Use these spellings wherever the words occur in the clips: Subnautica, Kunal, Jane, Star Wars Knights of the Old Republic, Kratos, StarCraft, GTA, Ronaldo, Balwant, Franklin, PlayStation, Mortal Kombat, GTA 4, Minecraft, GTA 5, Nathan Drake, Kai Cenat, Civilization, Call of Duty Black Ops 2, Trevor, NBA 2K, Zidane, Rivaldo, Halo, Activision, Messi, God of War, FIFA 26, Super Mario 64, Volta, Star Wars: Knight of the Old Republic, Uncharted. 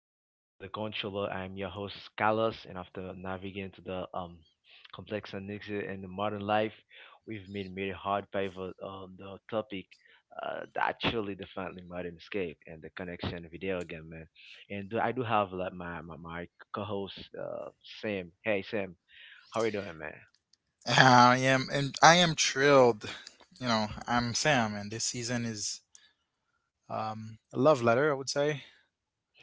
to Beyond the Controller. I'm your host, Carlos, and after navigating to the complex and niches in the modern life, we've made a hard pivot on the topic that truly definitely modern escape and the connection video again, man. And I do have like my co-host Sam. Hey Sam, how are you doing, man? I am, and I am thrilled. You know, I'm Sam, and this season is a love letter, I would say,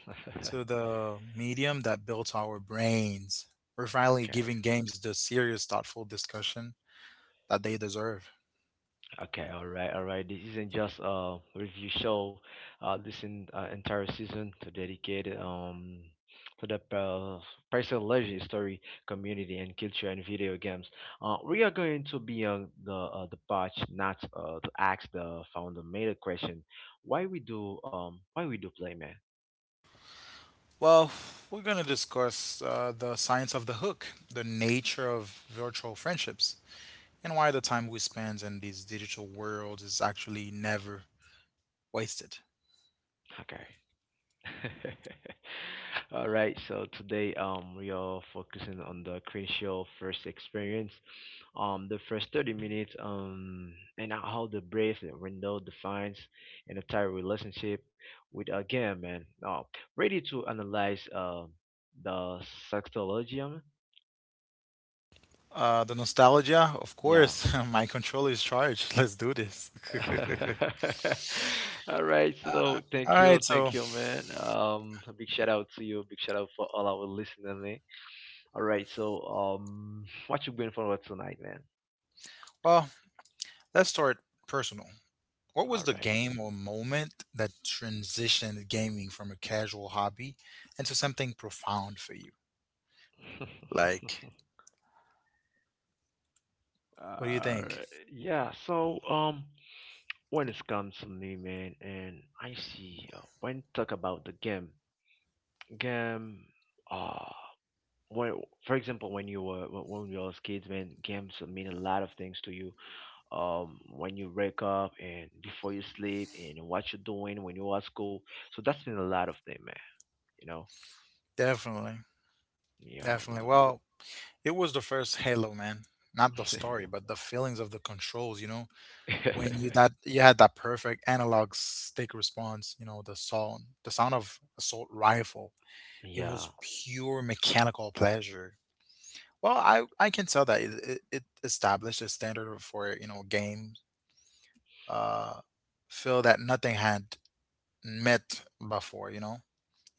Okay. to the medium that built our brains. We're finally giving games the serious, thoughtful discussion that they deserve. Okay, all right, all right. This isn't just a review show. This in, entire season to dedicate to the personal story, community, and culture and video games. We are going to be on the patch, not to ask the founder made a question. Why we do play, man? Well, we're going to discuss the science of the hook, the nature of virtual friendships, and why the time we spend in these digital worlds is actually never wasted. Okay. All right, so today we are focusing on the crucial first experience, the first 30 minutes and how the brace window defines an entire relationship with a game, man. Oh, ready to analyze the sextologium? The nostalgia, of Yeah. course. My controller is charged. Let's do this. All right, so All right, thank so, you, man. A big shout out to you, big shout out for all our listeners. All right, so what you going for tonight, man? well, let's start personal. What was All the right. game or moment that transitioned gaming from a casual hobby into something profound for you? Like, what do you Uh, think? yeah. So when it comes to me, man, and I see when talk about the game. Uh, when, for example, when you was kids, man, games mean a lot of things to you. When you wake up and before you sleep and what you're doing when you are at school, so that's been a lot of thing, man. You know. Definitely. Yeah, Definitely. Well, it was the first Halo, man. Not the man. story, but the feelings of the controls, you know, when you that you had that perfect analog stick response, you know, the sound of assault rifle. It was Yeah, pure mechanical pleasure. Well, I can tell that it established a standard for you know games. Uh, Feel that nothing had met before. You know,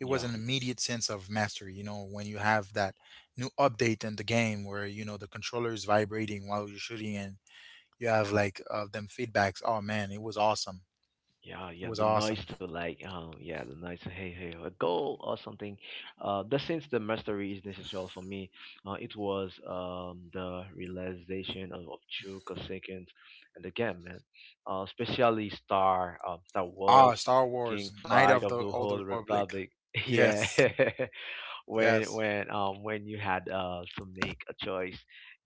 it was an immediate sense of mastery. You know, when you have that new update in the game where you know the controller is vibrating while you're shooting and you have like them feedbacks. Oh man, it was awesome. yeah, It yeah. was The awesome. noise to, like, yeah, the noise to, hey, hey, a goal or something. The since the mastery is necessary for me, it was the realization of true consequence, and again, man, especially Star Ah, Wars, Star Wars: King Knight Fight of of the the Old whole Republic. Republic. Yeah. Yes, when yes. when um when you had to make a choice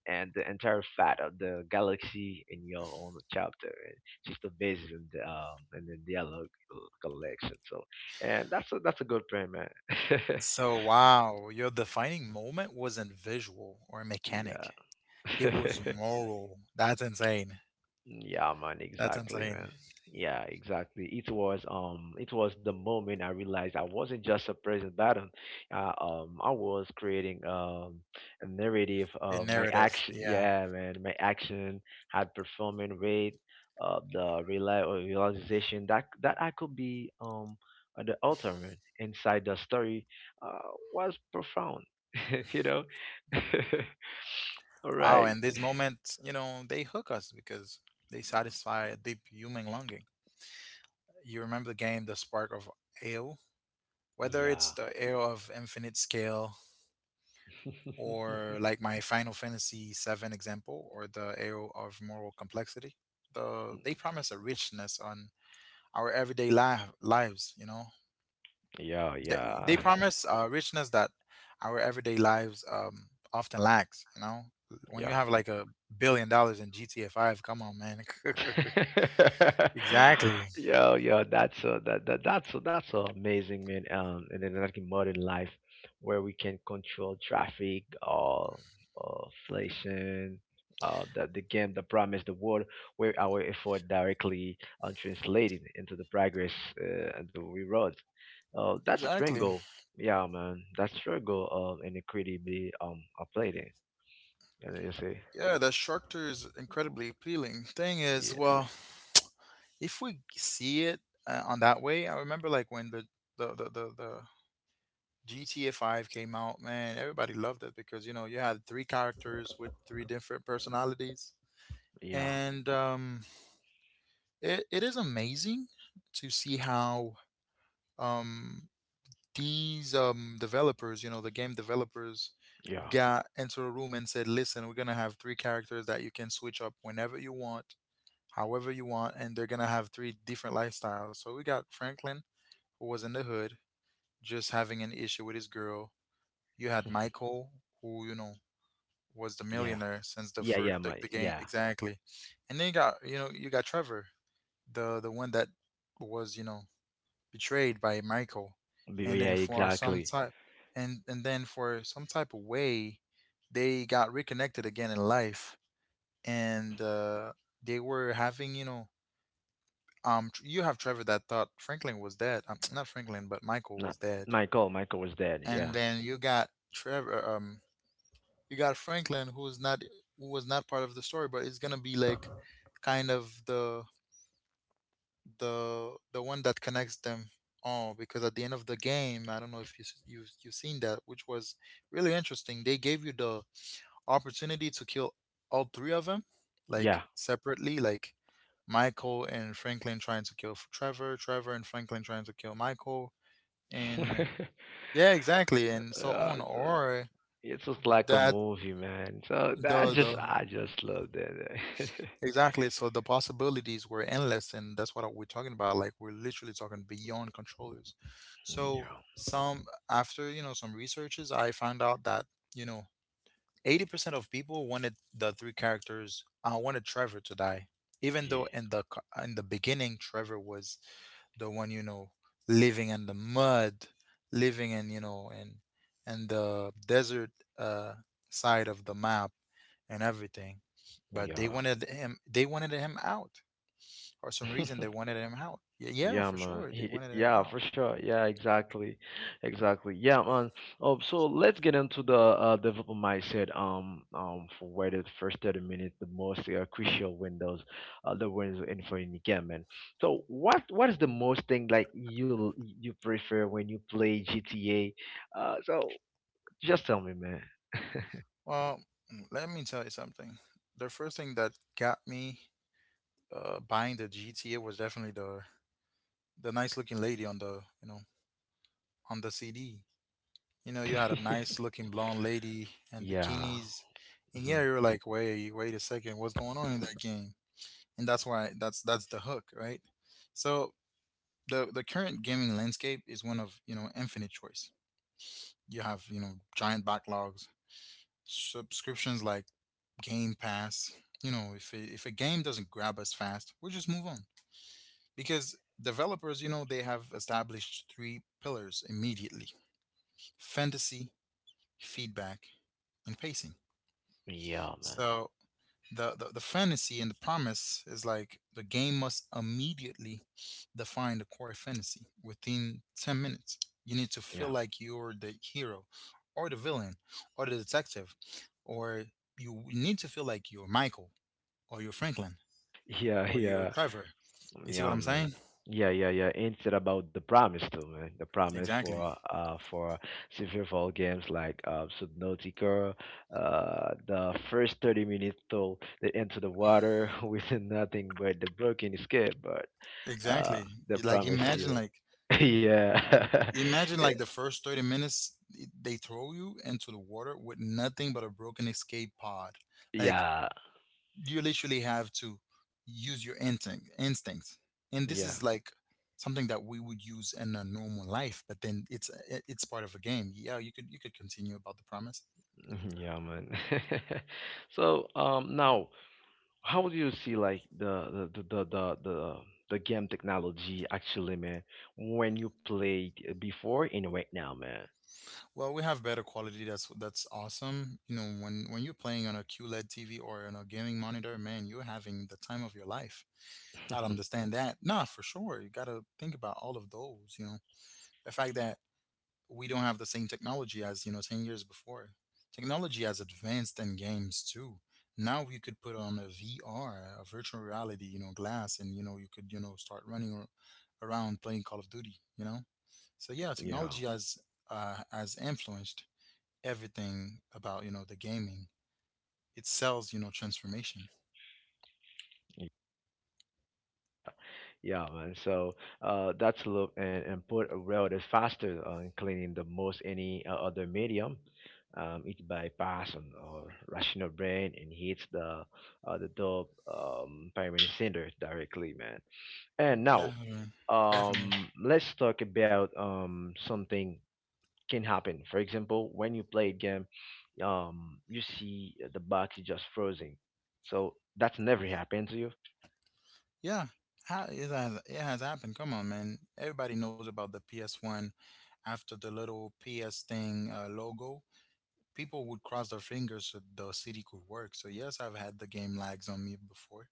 and the entire fat of the galaxy in your own chapter and just the basis in the and the dialogue collection, so and that's a good plan, man. So, wow, your defining moment wasn't visual or Yeah. mechanic. It was moral. That's insane. Yeah, man, That's exactly, insane. man. Yeah, exactly. It was the moment I realized I wasn't just a present button. I was creating a narrative. A My narrative. action, Yeah. yeah, man, my action had performing rate. Realization that I could be the author, man, inside the story uh, was profound. You know. All Wow. right. And these moments, you know, they hook us because they satisfy a deep human longing. You remember the game, The Spark of Ale? Whether Yeah. it's the Ale of Infinite Scale or like my Final Fantasy VII example or the Ale of Moral Complexity, the, they promise a richness on our everyday lives, you know? Yeah, yeah. They promise richness that our everyday lives often lacks. You know, when you Yeah. have like a billion dollars in GTA Five, come on, man. Exactly. Yeah, yeah, that's a that, that that's a amazing, man. And then, like, in modern life, where we can control traffic, inflation, the game, the promise, the world, where our effort directly translated into the progress and the rewards. That Exactly. struggle, yeah, man, that struggle, and equity be applied in, and you see, Yeah, that structure is incredibly appealing. Thing is, yeah, well, if we see it on that way, I remember like when the GTA 5 came out, man, everybody loved it because you know, you had three characters with three different personalities. yeah. And it, it is amazing to see how um, these developers, you know, the game developers Yeah, got into a room and said, listen, we're going to have three characters that you can switch up whenever you want, however you want, and they're going to have three different lifestyles. So we got Franklin, who was in the hood, just having an issue with his girl. You had Michael, who, you know, was the yeah, millionaire since the yeah, yeah, first the, my the game yeah. exactly. And then you got you know you got Trevor, the one that was you know betrayed by Michael, and Yeah, then for some exactly. type, and then for some type of way, they got reconnected again in life, and they were having you know you have Trevor that thought Franklin was dead, not Franklin but Michael Not was dead, Michael. Michael was dead. Yeah, and then you got Trevor you got Franklin who is not who was not part of the story, but it's gonna be like kind of the the one that connects them all because at the end of the game I don't know if you you you've seen that, which was really interesting. They gave you the opportunity to kill all three of them, like yeah. separately, like Michael and Franklin trying to kill Trevor, Trevor and Franklin trying to kill Michael, Yeah, and yeah exactly and so on. so Or it's just like a that movie, man. So that the just I just loved it. Exactly. So the possibilities were endless, and that's what we're talking about. Like we're literally talking beyond controllers. So Yeah, some after you know some researches, I found out that you know 80% of people wanted the three characters. I wanted Trevor to die, even yeah, though in the in the beginning Trevor was the one you know living in the mud, living in you know in the desert uh, side of the map and everything. But they yeah. wanted him. They wanted him out. For some reason, they wanted him out. Yeah, yeah, Yeah, for man. sure, they He, wanted him yeah, out. for sure. Yeah, exactly, exactly. Yeah, man. So let's get into the development mindset. For where the first 30 minutes, the most crucial windows, the windows in for any game, man. So what is the most thing, like, you prefer when you play GTA? So just tell me, man. Well, mm, let me tell you something. The first thing that got me buying the GTA was definitely the nice looking lady on the you know on the CD. You know, you had a nice looking blonde lady and Yeah. bikinis, and yeah, Hmm. you were like, wait, wait a second, what's going on in that game? And that's why that's the hook, right? So the current gaming landscape is one of you know infinite choice. You have you know giant backlogs, subscriptions like Game Pass. You know, if a game doesn't grab us fast, we just move on because developers, you know, they have established three pillars immediately: fantasy, feedback, and pacing. Yeah, man. So the fantasy and the promise is like the game must immediately define the core fantasy within 10 minutes. You need to Yeah. feel like you're the hero or the villain or the detective, or you need to feel like you're Michael or you're Franklin Yeah, or you're yeah. Trevor. You see what Yeah, I'm man. saying? Yeah, yeah, yeah. Instead about the promise too, man. The promise Exactly, for several games like Subnautica, the first 30 minutes till they enter the water with nothing but the broken escape, but uh exactly. they You- like promise imagine you. like Yeah. imagine like the first 30 minutes they throw you into the water with nothing but a broken escape pod. Like Yeah. you literally have to use your instincts, and this Yeah. is like something that we would use in a normal life, but then it's part of a game. Yeah, you could continue about the promise. Yeah, man. So now, how do you see, like, the game technology actually, man, when you played before and right now, man? Well, we have better quality. That's awesome. You know, when you're playing on a QLED TV or on a gaming monitor, man, you're having the time of your life. I understand that. Nah, for sure, you gotta think about all of those. You know the fact that we don't have the same technology as you know 10 years before. Technology has advanced in games too. Now you could put on a VR, a virtual reality, you know, glass and you know you could you know start running around playing Call of Duty, you know. So yeah, Yeah, technology has influenced everything about you know the gaming. It sells you know transformation. yeah, man. So that's look and put rail is faster on cleaning the most any other medium. It bypass on our rational brain and hits the dope pyramid center directly, man. And now, Definitely, um, definitely. let's talk about something can happen. For example, when you play a game, you see the box is just frozen. So that's never happened to you. Yeah, how it has, it has happened. Come on man, everybody knows about the PS1. After the little PS thing, logo, people would cross their fingers so the city could work. So yes, I've had the game lags on me before,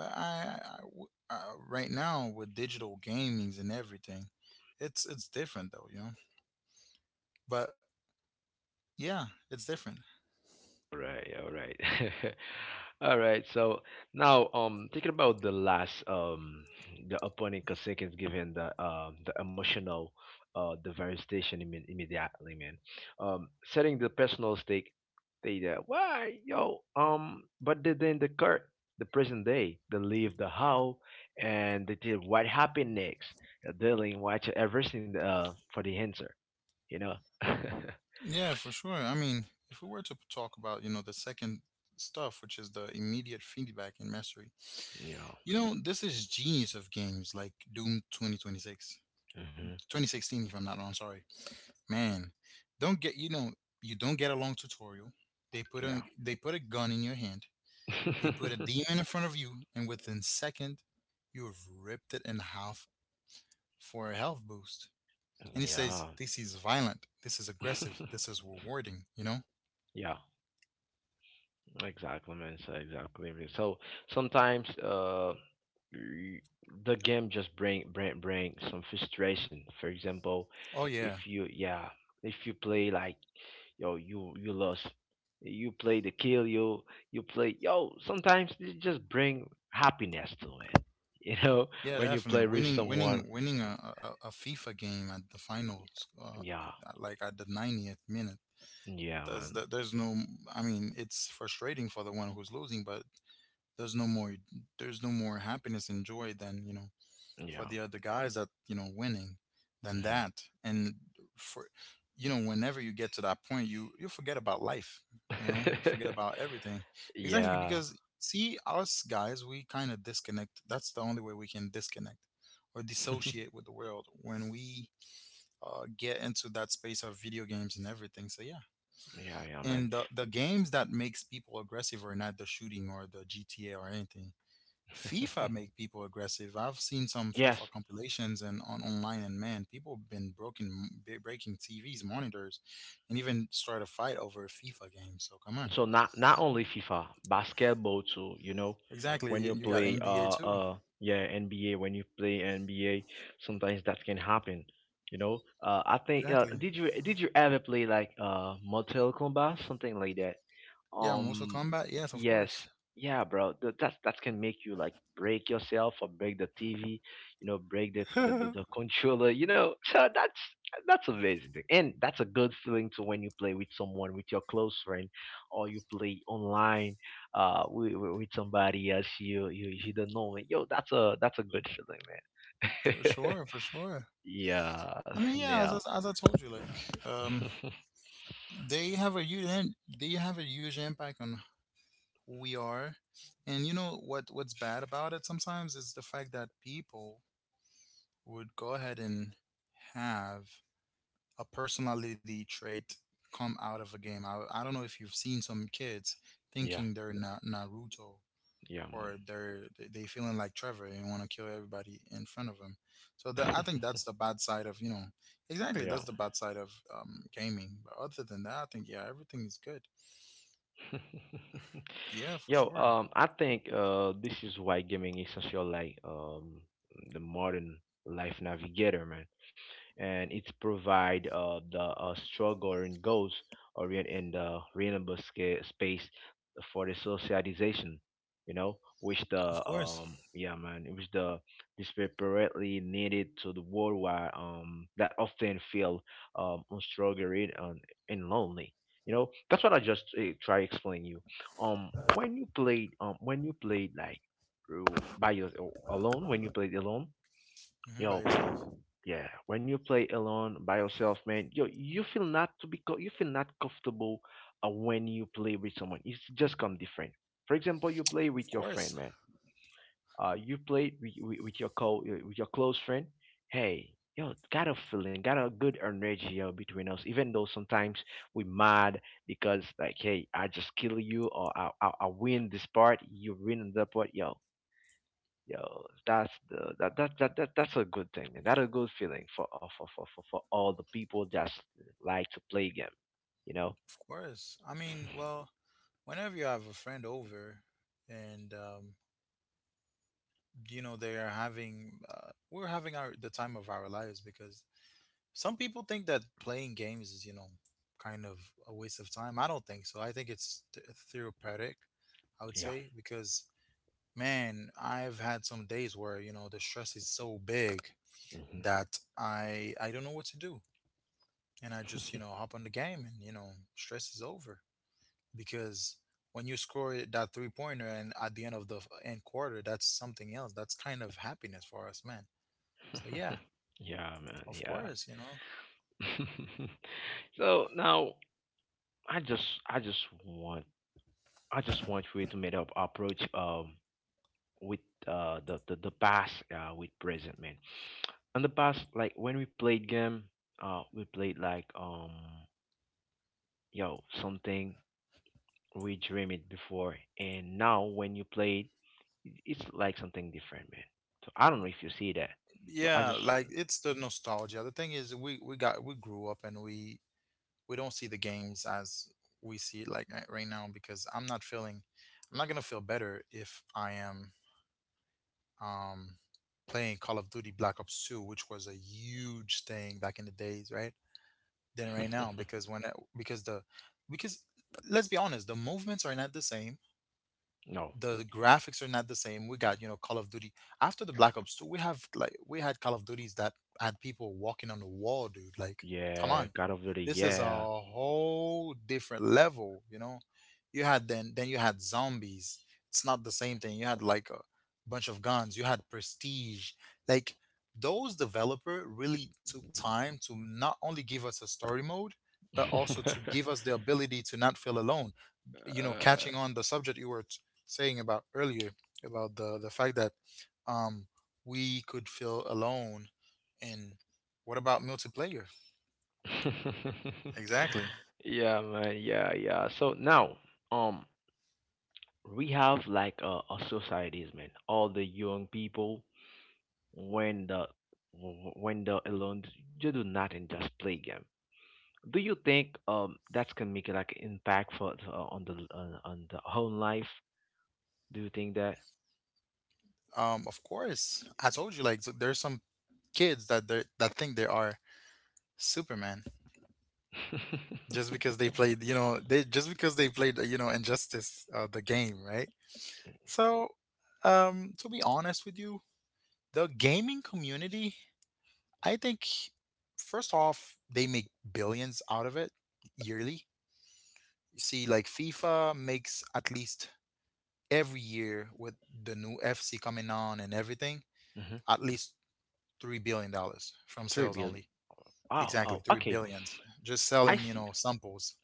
but right now with digital gamings and everything, it's different though, you know. But yeah, it's different. All right, all right. All right, so now, thinking about the last the opponent Kosekin's given the emotional devastation, immediately, man. Setting the personal stake, they why yo but they then the court the present day they leave the how, and they did what happened next dealing watch everything for the answer, you know. Yeah, for sure. I mean, if we were to talk about you know the second stuff, which is the immediate feedback and mastery, You know. you know, this is genius of games like Doom 2026, Hmm. 2016, if I'm not wrong. Sorry. Man, don't get you know you don't get a long tutorial. They put a gun in your hand. They Yeah. put a demon in front of you, and within second, you have ripped it in half for a health boost. And he says Yeah. this is violent. This is aggressive. This is rewarding. You know? Yeah, exactly, man. So exactly, man. So sometimes y- the game just bring some frustration. For example, Oh if yeah, you yeah, if you play, like, yo, you lost, you play the kill you, you play yo, sometimes it just bring happiness to it. You know, yeah, when you play definitely. with someone. Winning a a FIFA game at the finals, Yeah. like at the 90th minute. Yeah, man. There's no. I mean, it's frustrating for the one who's losing, but there's no more there's no more happiness and joy than you know for Yeah. the other guys that you know winning than Hmm. that, and for you know whenever you get to that point you you forget about life, you know, you forget about everything. Exactly, Yeah. because see, us guys, we kind of disconnect. That's the only way we can disconnect or dissociate with the world when we get into that space of video games and everything. So yeah. Yeah, yeah, man. And the games that makes people aggressive are not the shooting or the GTA or anything. FIFA make people aggressive. I've seen some Yes, FIFA compilations and on online, and man, people have been broken, breaking TVs, monitors, and even start a fight over a FIFA game. So come on, so not only FIFA, basketball too. You know, exactly. when You you you got play NBA too, yeah NBA, when you play NBA, sometimes that can happen. You know, I think exactly. did you ever play like Mortal Kombat something like that? Yeah, Mortal Um, Kombat. Yes, of yes, course, yeah, bro. That can make you, like, break yourself or break the TV, you know, break the the, the, for the controller, you know. So that's amazing, and that's a good feeling to when you play with someone, with your close friend or you play online with somebody else you, you don't know. Yo, that's a good feeling, man. sure, for sure. Yeah, I mean, yeah, yeah. as, as I told you, like, they have a huge, im- they have a huge impact on who we are, and you know what? What's bad about it sometimes is the fact that people would go ahead and have a personality trait come out of a game. I don't know if you've seen some kids Yeah, thinking they're Naruto yeah, or man. they're they feeling like Trevor and want to kill everybody in front of them. So that, I think that's the bad side of, exactly, that's Yeah. the bad side of gaming. But other than that, I think, yeah, everything is good. Yeah, for Yo, sure. I think this is why gaming is essential, like, the modern life navigator, man. And it's provide the struggle and goals or in the renewable space for the socialization, you know, which Of the course. Yeah, man, which the desperately needed to the worldwide that often feel struggling and lonely, you know. That's what I just try explain you when you played when you played, like, through by your alone, when you played alone. Hmm. By Yo, yourself. yeah. When you play alone by yourself, man, yo, you feel not comfortable when you play with someone. It's just come different. For example, you play Of with your friend, course. man. You play with your close friend. Hey, yo, got a feeling, got a good energy between us. Even though sometimes we mad because, like, hey, I just kill you or I win this part, you win that part. Yo, that's the that that's a good thing, and that's a good feeling for all the people that like to play game. You know. Of course. I mean, well, whenever you have a friend over and you know they are having we're having our the time of our lives, because some people think that playing games is, you know, kind of a waste of time. I don't think so. I think it's therapeutic, I would Yeah. say, because man, I've had some days where, you know, the stress is so big Hmm. that I don't know what to do. And I just, hop on the game, and stress is over. Because when you score that three pointer and at the end of the end quarter, that's something else. That's kind of happiness for us, man. So yeah, Yeah, man. of Yeah. course. So now, I just I just want I just want you to make up approach with the past with present, man. In the past, like when we played game, we played like yo something we dream it before, and now when you play it it's like something different, man. So I don't know if you see that, but I Yeah, just. like it's the nostalgia. The thing is, we grew up and we don't see the games as we see it like right now, because I'm not feeling, I'm not gonna feel better if I am um playing Call of Duty Black Ops 2, which was a huge thing back in the days, right? Than right now, because when it, because the because let's be honest, the movements are not the same, No, the graphics are not the same. We got, you know, Call of Duty. After the Black Ops 2, we have like we had Call of Duties that had people walking on the wall, dude. Like, come yeah, on. god of duty, This is a yeah. whole different level, you know. You had then you had zombies. It's not the same thing. You had like a bunch of guns. You had prestige. Like, those developer really took time to not only give us a story mode, but also to give us the ability to not feel alone, catching uh, on the subject you were saying about earlier, about the fact that um we could feel alone. And what about multiplayer? Exactly. yeah, man. Yeah, yeah. So now um we have like a societies, man. All the young people when the when they're alone they do nothing, just play game. Do you think that's gonna make like impact for on the whole life? Do you think that? Of course, I told you, like, so there's some kids that think they are superman, just because they played, they just because they played you know Injustice, the game, right? So to be honest with you, the gaming community, I think, first off, they make billions out of it yearly. You see, like FIFA makes at least every year, with the new FC coming on and everything, Mhm. at least $3 billion from three sales billion. only. Oh, Exactly, oh, three okay, billions. Just I selling, you see. know, samples.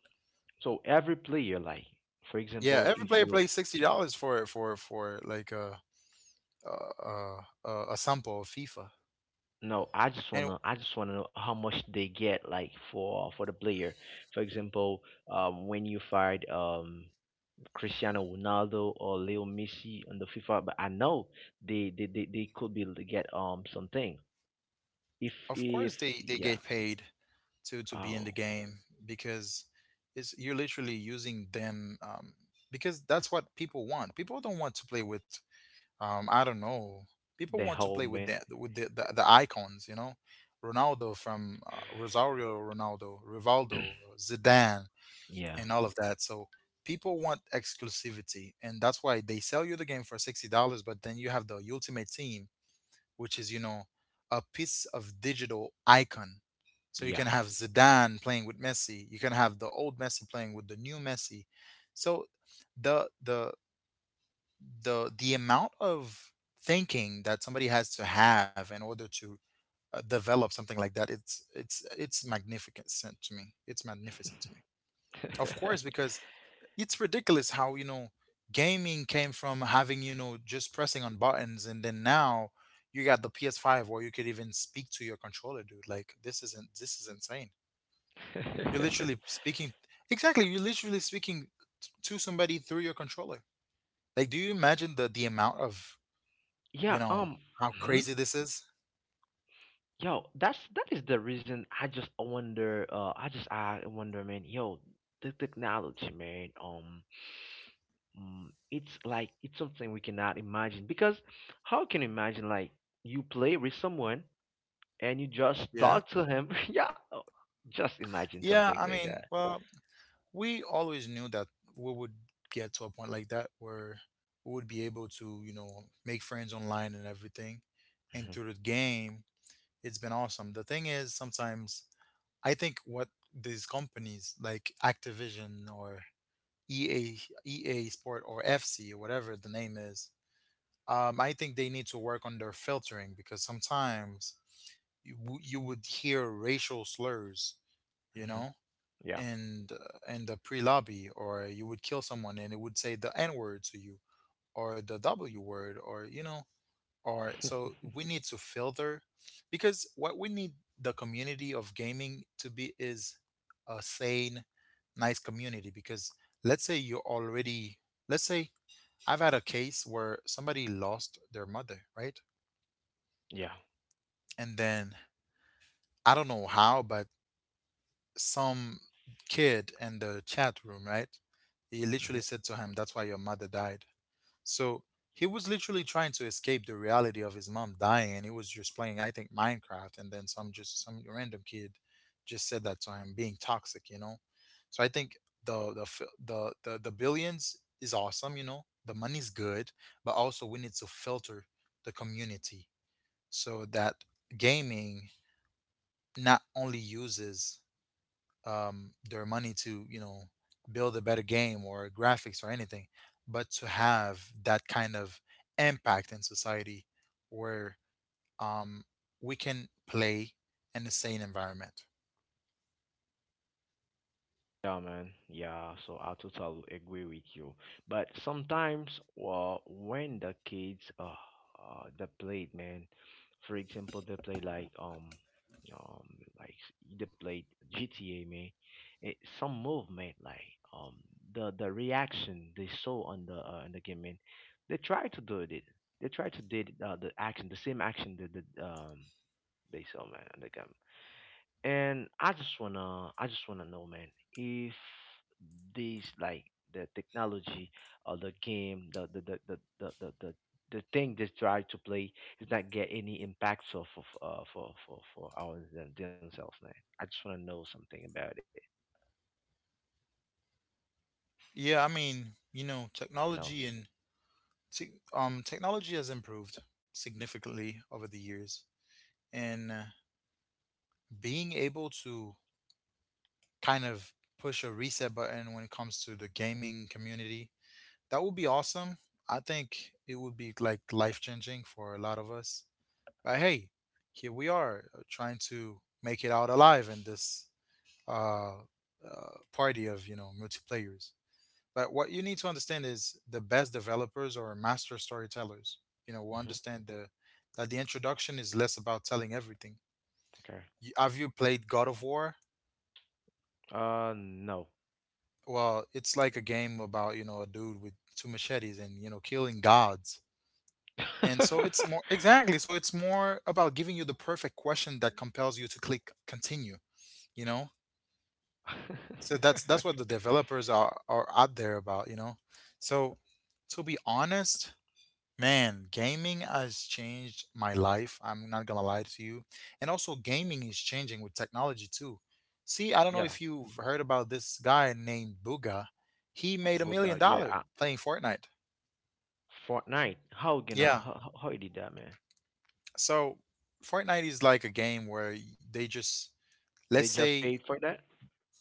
So every player, like, for Yeah, example, every if player you — plays $60 for like a, a a sample of FIFA, no, i just and wanna i just wanna know how much they get, like, for the player. For example, when you fired Cristiano Ronaldo or Leo Messi on the FIFA, but I know they could be to get something if of if course, they yeah. get paid to be in the Oh, game, because it's you're literally using them, because that's what people want. People don't want to play with, I don't know. People the want to whole, play with man. the with the, the, the icons, Ronaldo from Rosario Ronaldo, Rivaldo, Zidane, Yeah, and all of that. So people want exclusivity, and that's why they sell you the game for $60, but then you have the ultimate team, which is a piece of digital icon. So you yeah. can have Zidane playing with Messi. You can have the old Messi playing with the new Messi. So the the the amount of thinking that somebody has to have in order to develop something like that, it's magnificent to me. It's magnificent to me. Of course, because it's ridiculous how, gaming came from having, just pressing on buttons, and then now you got the PS5, where you could even speak to your controller, dude. Like, this isn't this is insane. You're literally speaking. Exactly. You're literally speaking to somebody through your controller. Like, do you imagine the amount of, you Yeah. know how Mhm. crazy this is? Yo, that is the reason I just wonder. I wonder, man. Yo, the technology, man. It's like it's something we cannot imagine because how can you imagine like you play with someone and you just Yeah, talk to him? Yeah, oh, just imagine yeah, something I like mean, that. well, we always knew that we would get to a point like that, where we would be able to, make friends online and everything. And through the game, it's been awesome. The thing is, sometimes I think what these companies like Activision or EA, EA Sport or FC, or whatever the name is, I think they need to work on their filtering, because sometimes you would hear racial slurs, Hmm, you hmm. know, Yeah. and in the pre lobby, or you would kill someone and it would say the N word to you, or the W word, or or so we need to filter. Because what we need the community of gaming to be is a sane, nice community. Because let's say you're already, let's say I've had a case where somebody lost their mother, right? Yeah. And then I don't know how, but some kid in the chat room, right? He Hmm. literally said to him, "That's why your mother died." So he was literally trying to escape the reality of his mom dying, and he was just playing, I think, Minecraft, and then some just some random kid just said that to him, being toxic. So I think the fi- the billions is awesome, The money's good, but also we need to filter the community, so that gaming not only uses, their money to, build a better game or graphics or anything, but to have that kind of impact in society where, um, we can play in a sane environment. Yeah, man. Yeah, so I totally agree with you. But sometimes, well, when the kids they played, man, for example, they play um like they played GTA, man. It, some movement like the reaction they saw on the game, man. They try to do it. They try to did the action, the same action that the they saw, man, on the game. And I just wanna know, man, if these like the technology or the game, the thing they try to play is not get any impacts of for for our themselves, man. I just wanna know something about it, Yeah, I mean, you know. Technology and technology has improved significantly over the years, and being able to kind of push a reset button when it comes to the gaming community. That would be awesome. I think it would be like life changing for a lot of us. But hey, here we are, trying to make it out alive in this party of, multiplayers. But what you need to understand is, the best developers are master storytellers. You know, we Hmm. understand the that the introduction is less about telling everything. Okay. Have you played God of War? No. Well, it's like a game about, a dude with two machetes, and, killing gods. And so it's more. Exactly. So it's more about giving you the perfect question that compels you to click continue, you know? So that's what the developers are out there about, you know? So to be honest, man, gaming has changed my life. I'm not gonna lie to you. And also, gaming is changing with technology too. See, I don't know Yeah, if you've heard about this guy named Booga. He made a but million God, yeah, dollar playing Fortnite. Fortnite. How gonna Yeah. How you did that, man? So Fortnite is like a game where they just, let's They just say, paid for that?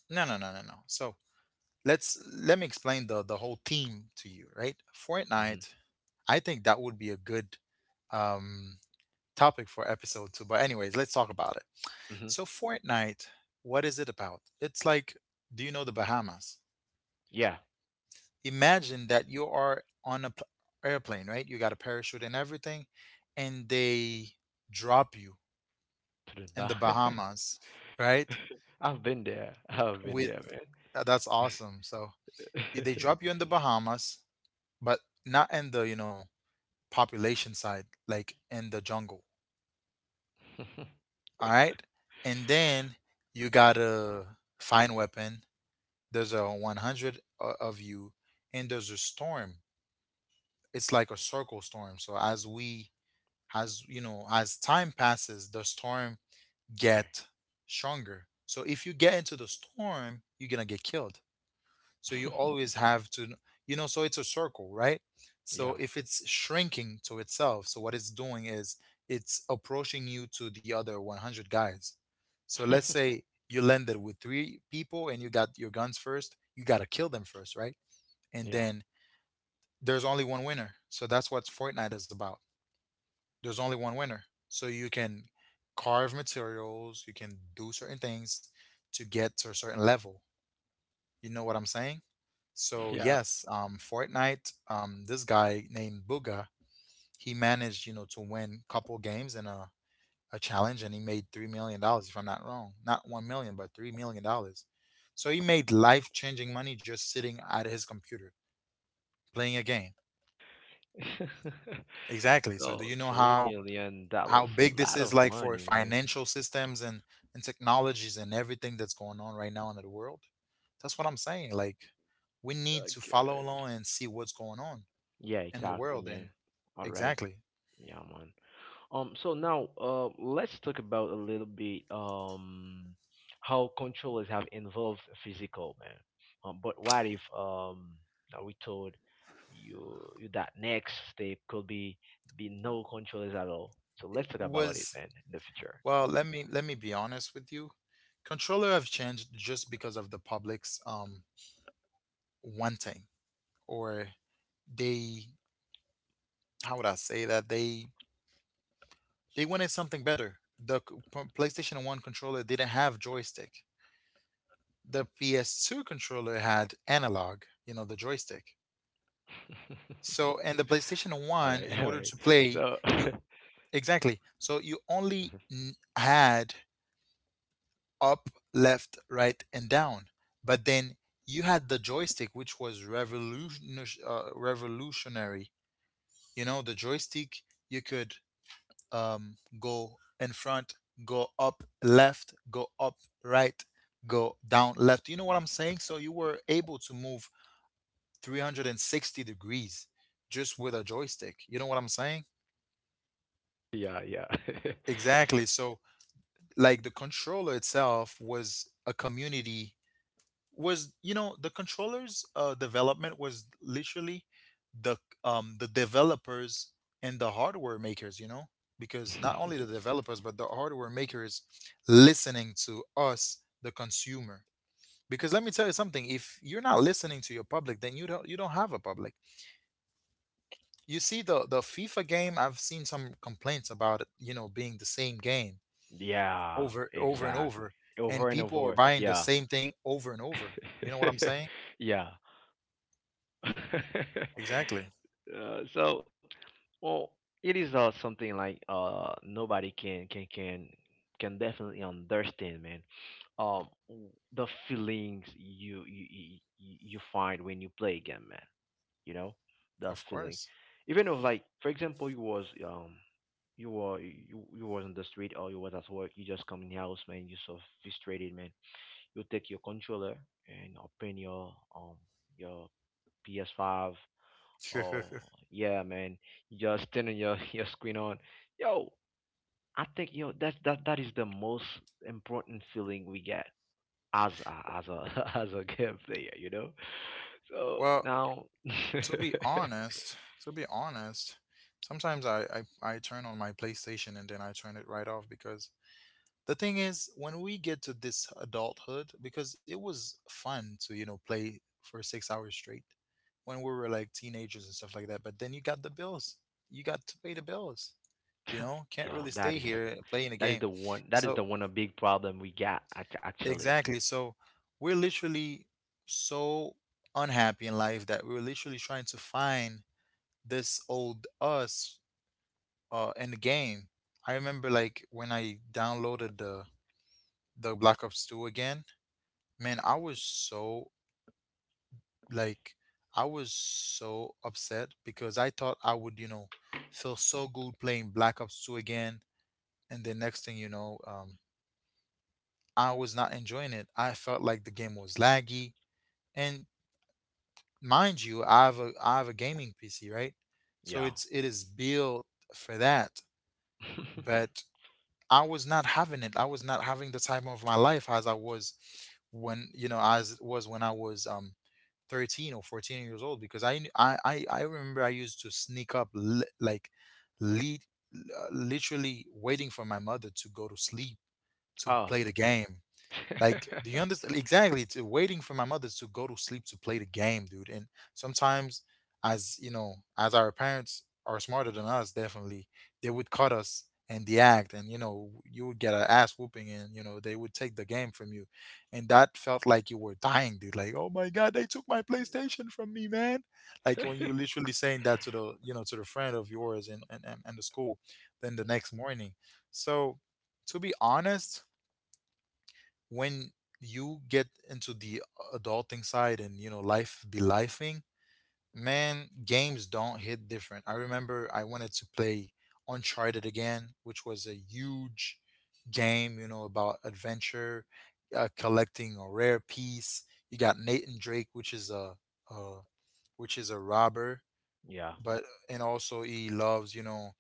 no, no, no, no, no. So let me explain the whole theme to you, right? Mm-hmm. Fortnite, I think that would be a good, um topic for episode 2. But anyways, let's talk about it. Mm-hmm. So Fortnite, what is it about? It's like, do you know the Bahamas? Yeah, Imagine that you are on a airplane, right? You got a parachute and everything, and they drop you to the in bar. the Bahamas, right? I've been there. I've been with there, man. That's awesome. So they drop you in the Bahamas, but not in the, you know, population side, like in the jungle. All right? And then you got a fine weapon. There's a 100 of you, and there's a storm. It's like a circle storm. So as we as you know, as time passes, the storm Okay. get stronger. So if you get into the storm, you're going to get killed. So you always have to, so it's a circle, right? So Yeah. if it's shrinking to itself, so what it's doing is it's approaching you to the other 100 guys. So let's say you landed with three people and you got your guns first, you got to kill them first, right? And Yeah. then there's only one winner. So that's what Fortnite is about. There's only one winner. So you can carve materials, you can do certain things to get to a certain level. You know what I'm saying? So Yeah. yes, Fortnite, this guy named Booga, he managed, to win couple games in a challenge, and he made $3 million, if I'm not wrong. Not 1 million, but $3 million. So he made life changing money just sitting at his computer playing a game. Exactly. So do So you know three how million how dollars, a big this lot is, of like for money, man. financial systems, and technologies, and everything that's going on right now in the world? That's what I'm saying. Like we need to follow Okay. along and see what's going on Yeah, in the exactly, world, and man. All right. exactly. Yeah, man. So now, let's talk about a little bit how controllers have involved physical man. But what if now we told you that next step could be no controllers at all. So let's talk about it, was man, in the future. Well, let me be honest with you. Controller have changed just because of the public's wanting, or they, how would I say, that they wanted something better. The PlayStation 1 controller didn't have joystick. Okay. The PS2 controller had analog, you know, the joystick. All right, all right. So So and the PlayStation 1, in order to play, you hmm. exactly. So you only had up, left, right, and down. But then you had the joystick, which was revolution, revolutionary. You know, the joystick, you could go in front, go up, left, go up, right, go down, left. You know what I'm saying? So you were able to move 360 degrees just with a joystick. You know what I'm saying? Yeah, yeah, Exactly. So, like, the controller itself was a community, was, you know, the controllers' development was literally the the developers and the hardware makers, you know, because not only the developers but the hardware makers listening to us, the consumer. Because let me tell you something, if you're not listening to your public, then you don't have a public. You see the FIFA game, I've seen some complaints about it, you know, being the same game yeah, over, over and over, exactly. and Over people and are over, buying the yeah, same thing over and over. You know what I'm saying? yeah. uh, Exactly. so well, it is something like uh, nobody can can definitely understand, man. The feelings you you find when you play again, man, you know, the Of feeling. course. Even if, like for example, you was you were you was on the street or you was at work, you just come in the house, man, you so frustrated, man. You take your controller and open your PS5. Oh yeah, man. You just turn your your screen on. Yo, I think, yo, that's that, that is the most important feeling we get as a as a game player, you know? So Well, now to be honest, to be honest, sometimes I turn on my PlayStation and then I turn it right off, because the thing is, when we get to this adulthood, because it was fun to, you know, play for 6 hours straight when we were like teenagers and stuff like that, but then you got the bills. You got to pay the bills. You know, can't yo, really that stay is here playing a game. That is So. the one a big problem we got actually. Exactly. So we're literally so unhappy in life that we were literally trying to find this old us, in the game. I remember, like, when I downloaded the Black Ops 2 again, man, I was so, like, I was so upset because I thought I would, you know, feel so good playing Black Ops 2 again. And the next thing you know, I was not enjoying it. I felt like the game was laggy. And, mind you, I have a gaming PC, right? So Yeah. It is built for that. But I was not having it. I was not having the time of my life as I was when, you know, as it was when I was 13 or 14 years old, because I remember I used to sneak up like, lead literally waiting for my mother to go to sleep to Oh. play the game. Like, do you understand? Exactly. It's waiting for my mother to go to sleep to play the game, dude. And sometimes, as you know, as our parents are smarter than us, definitely, they would cut us in the act, and you know, you would get an ass whooping, and you know, they would take the game from you, and that felt like you were dying, dude. Like, oh my god, they took my PlayStation from me, man. Like when you literally saying that to the, you know, to the friend of yours and the school, then the next morning. So, to be honest, when you get into the adulting side and, you know, life be lifing, man, games don't hit different. I remember I wanted to play Uncharted again, which was a huge game, you know, about adventure, collecting a rare piece. You got Nathan Drake, uh, which is a robber, yeah. but and also he loves, you know,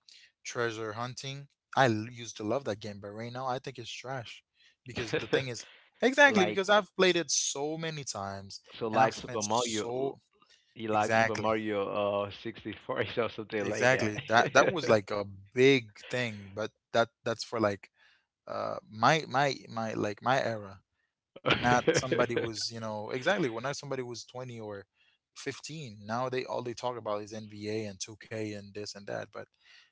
treasure hunting. I used to love that game, but right now I think it's trash because the thing is. Exactly. Like, Because I've played it so many times so and like I've Super spent Mario. so. You like Super Exactly, Mario uh, 64 or something like that. exactly, that was like a big thing, but that's for like my like my era. Not somebody was, you know, exactly, when not somebody was 20 or 15, now they talk about is NBA and 2K and this and that. But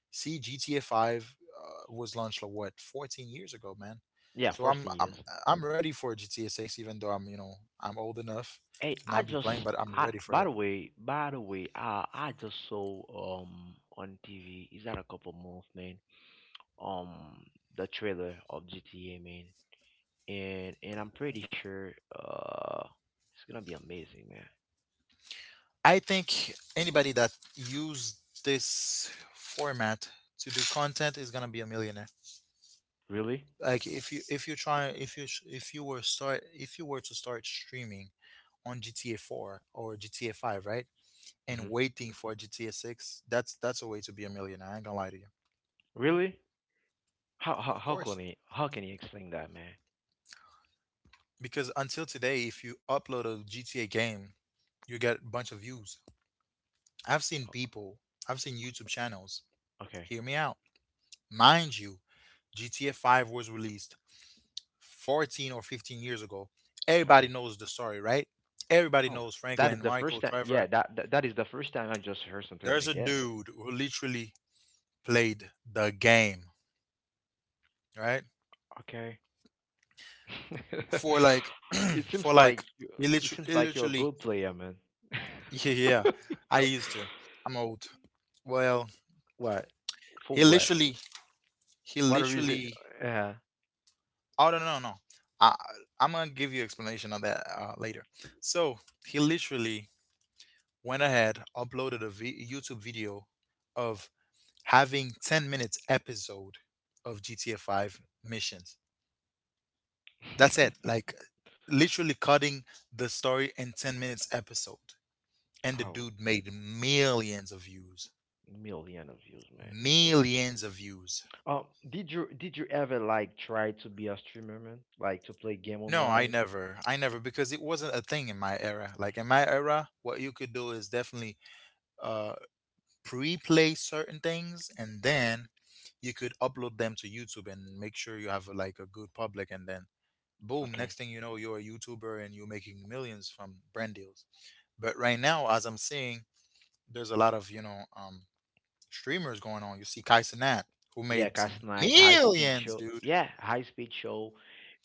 see, GTA 5, was launched like, what, 14 years ago, man. Yeah, So i'm 14 i'm years. i'm ready for GTA 6, even though I'm, you know, I'm old enough Hey, to I not be playing, just but I'm I ready for By it. the way, by the way, I just saw on TV, is that a couple months, man? Um the trailer of GTA, man. And I'm pretty sure uh, it's gonna be amazing, man. I think anybody that used this format to do content is gonna be a millionaire. Really? Like, if you try, if you were to start streaming on GTA 4 or GTA 5, right, and Mm-hmm. waiting for GTA 6, that's a way to be a millionaire. I ain't gonna lie to you. Really? Of course, How can you explain that, man? because until today if you upload a GTA game, you get a bunch of views. I've seen people, I've seen YouTube channels, O- Okay, hear me out, mind you, GTA 5 was released 14 or 15 years ago, okay. everybody knows the story, right? Everybody Oh, knows that is Franklin, the first Michael, time. Yeah, Trevor. That is the first time I just heard something There's like a that. dude who literally played the game, right? Okay. For like, It seems for like like, you- he it literally, seems he like you're a literally, good player, man. yeah, yeah. I used to. I'm old. Well, What? For he what? literally, he What a reason? literally. Yeah. Oh, no, no, no. No. I, I'm gonna give you explanation on that, later. So he literally went ahead, uploaded a YouTube video of having 10 minutes episode of GTA 5 missions. That's it. Like, literally cutting the story in 10 minutes episode. And the Oh, dude made millions of views. million of views, man. So, Millions of views. Did you ever like try to be a streamer, man? Like to play game No, I online? never. I never, because it wasn't a thing in my era. Like in my era, what you could do is definitely uh pre-play certain things, and then you could upload them to YouTube and make sure you have, like, a good public, and then boom, next Okay. thing you know, you're a YouTuber and you're making millions from brand deals. But right now, as I'm seeing, there's a lot of, you know, streamers going on. You see Kai Cenat, who Yeah, made Cast Night, High Speed millions, Show. dude. Yeah, High Speed Show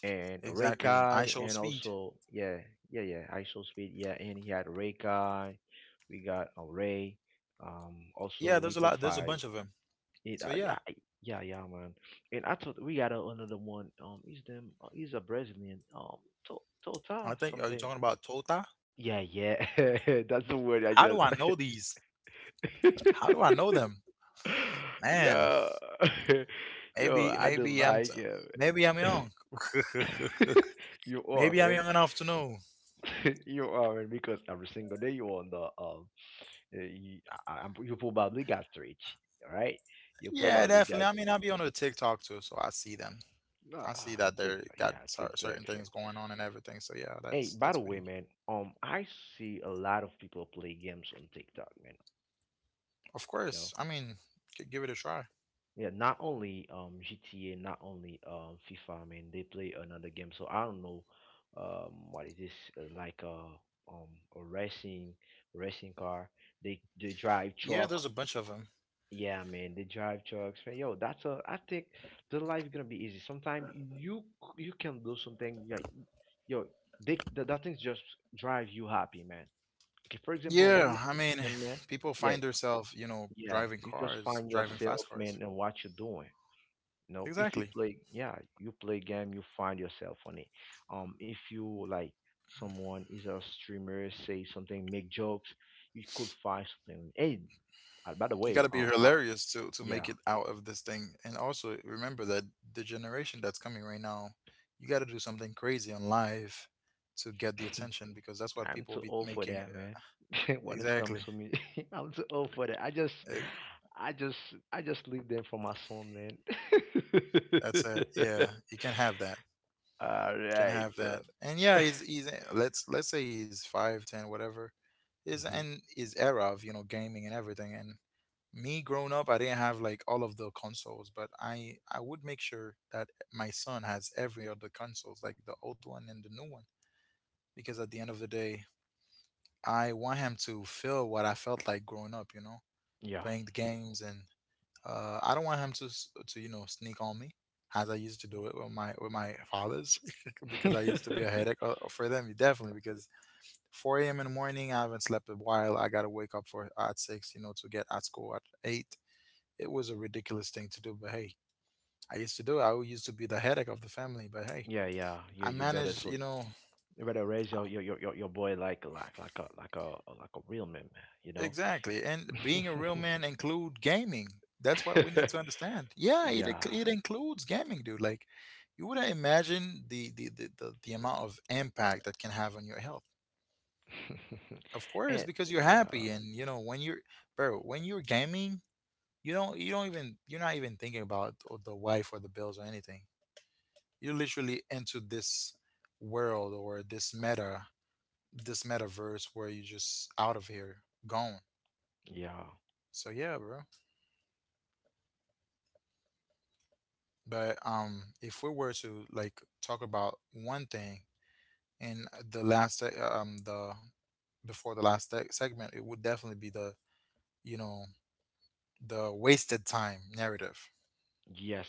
and Exactly. I Reikai, show and speed. also yeah, yeah, yeah, High Soul Speed, yeah, and he had Reikai. We got Ray. Um, also Yeah, we there's a could lot. There's a find bunch of them. it. So yeah, Yeah, yeah, man. And I thought we got another one. Um, is them he's a Brazilian. I Tota think. Are you something. talking about Tota? Yeah, yeah. That's the word I How do I just know these? How do I know them? Man, Yeah. Yo, maybe I do maybe like him. maybe I'm young. You are Maybe I'm right. young enough to know. You are right, because every single day you're on the uh, you, you probably got rich, right? You Yeah, probably definitely. got I mean, I'll be on the TikTok too, so I see them. uh, I see on that they TikTok, got yeah, TikTok certain friend. things going on and everything. So yeah, Hey, that's by the that's way, pretty. man, I see a lot of people play games on TikTok, man. Of You know, course. I mean, give it a try. yeah, not only GTA, not only FIFA, I mean they play another game. So I don't know what is this like um a racing racing car. They drive Yeah, truck. there's a bunch of them. Yeah, man, they drive trucks. Man, yo, that's a I think the life gonna be easy. Sometimes you can do something like yo, that things just drive you happy, man. Okay, for example, when you Yeah, I mean, yeah, man, people yeah, find themselves, you know, yeah, driving you just cars, find driving yourself, fast cars. man, and what you're doing. No, if you Exactly. play, yeah, you play game, you find yourself on it. If you like someone is a streamer, say something, make jokes, you could find something. Hey, by the You got way, to be I, hilarious to make yeah, it out of this thing. And also remember that the generation that's coming right now, you got to do something crazy on live to get the attention because that's what I'm too people be old for making. that, man. When it's come Exactly. to me, I'm too old for that. Eh, I just, I just leave them for my son, man. that's it. Yeah, you can have that. All Can right. have So. that. And yeah, he's let's say he's five, ten, whatever. His, Mhm. and his era of, you know, gaming and everything. And me growing up, I didn't have like all of the consoles, but I would make sure that my son has every other consoles, like the old one and the new one, because at the end of the day, I want him to feel what I felt like growing up. You know, Yeah. playing the games, and I don't want him to to, you know, sneak on me as I used to do it with my fathers, because I used to be a headache, for them, definitely, because 4 a.m. in the morning I haven't slept a while, I gotta wake up for at 6, you know, to get at school at 8. It was a ridiculous thing to do, but hey, I used to do it, I used to be the headache of the family, but hey, Yeah, yeah. I managed, you know. You better raise your boy like a like a real man, man, you know. Exactly. And being a real man include gaming. That's what we need to understand. Yeah, Yeah. it includes gaming, dude. Like, you wouldn't imagine the amount of impact that can have on your health. Of course, And because you're yeah, happy and, you know, when you're, bro, when you're gaming, you're not even thinking about the wife or the bills or anything. You're literally into this world, or this meta this metaverse where you're just out of here, gone. yeah. So yeah, bro. But if we were to, like, talk about one thing in the before the last segment, it would definitely be the, you know, the wasted time narrative. Yes.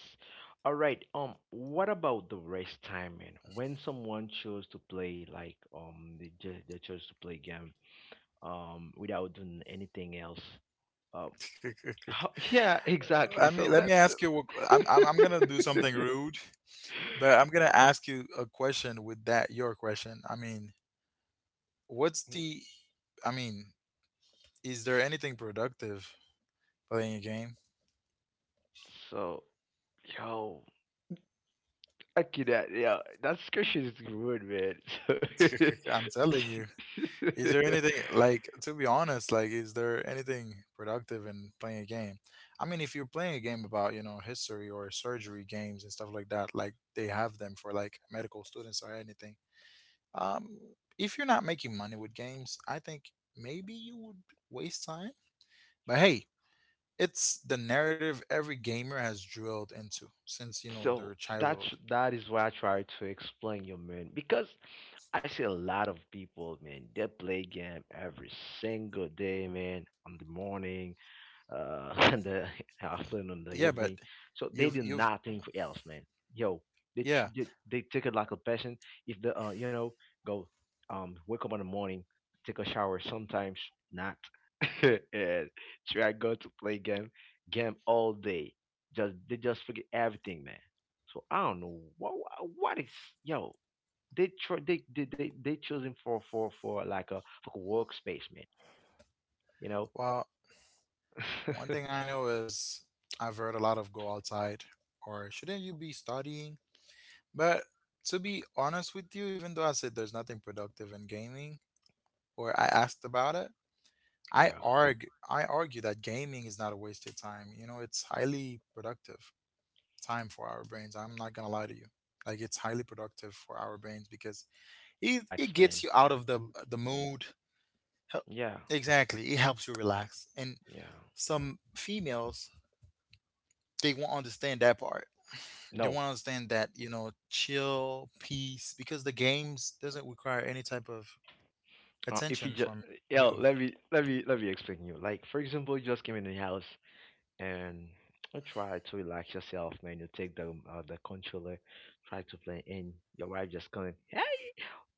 All right. What about the rest time, man? When someone chose to play, like, they chose to play game, without doing anything else. Um, how, yeah, exactly. I So mean, let me let's. ask you. I'm gonna do something rude, but I'm gonna ask you a question with that, your question. I mean, what's the? I mean, is there anything productive playing a game? So, yo, okay, that yeah, that discussion is good, man. I'm telling you. Is there anything like, to be honest, like, is there anything productive in playing a game? I mean, if you're playing a game about, you know, history or surgery games and stuff like that, like they have them for like medical students or anything. Um, if you're not making money with games, I think maybe you would waste time. But hey, it's the narrative every gamer has drilled into since, you know, So, their so childhood. that's that is why I try to explain you, man. Because I see a lot of people, man, they play game every single day, man, on the morning, in the afternoon, the Yeah, but evening. So they you've do you've nothing else, man. Yo, yeah. They take it like a passion. If the you know, go wake up in the morning, take a shower. Sometimes not, and try go to play game game all day. Just they just forget everything, man. So I don't know what is yo. They try they choosing for for like a for a workspace, man. You know. Well, one thing I know is I've heard a lot of "go outside" or "shouldn't you be studying?" But to be honest with you, even though I said there's nothing productive in gaming or I asked about it, I Yeah. argue I argue that gaming is not a wasted time. You know, it's highly productive time for our brains. I'm not gonna lie to you. Like, it's It highly is like productive for something our to brains just because um, to it relax, gets man. you out of the mood. Hel- Yeah, Exactly. It helps you relax. And yeah. some females, they won't understand that part. They No, want to understand that, you know, chill, peace, because the games doesn't require any type of if you attention just from yeah, you. Let me explain you. Like for example, you just came in the house and you try to relax yourself, man. You take the controller, try to play, and your wife just coming.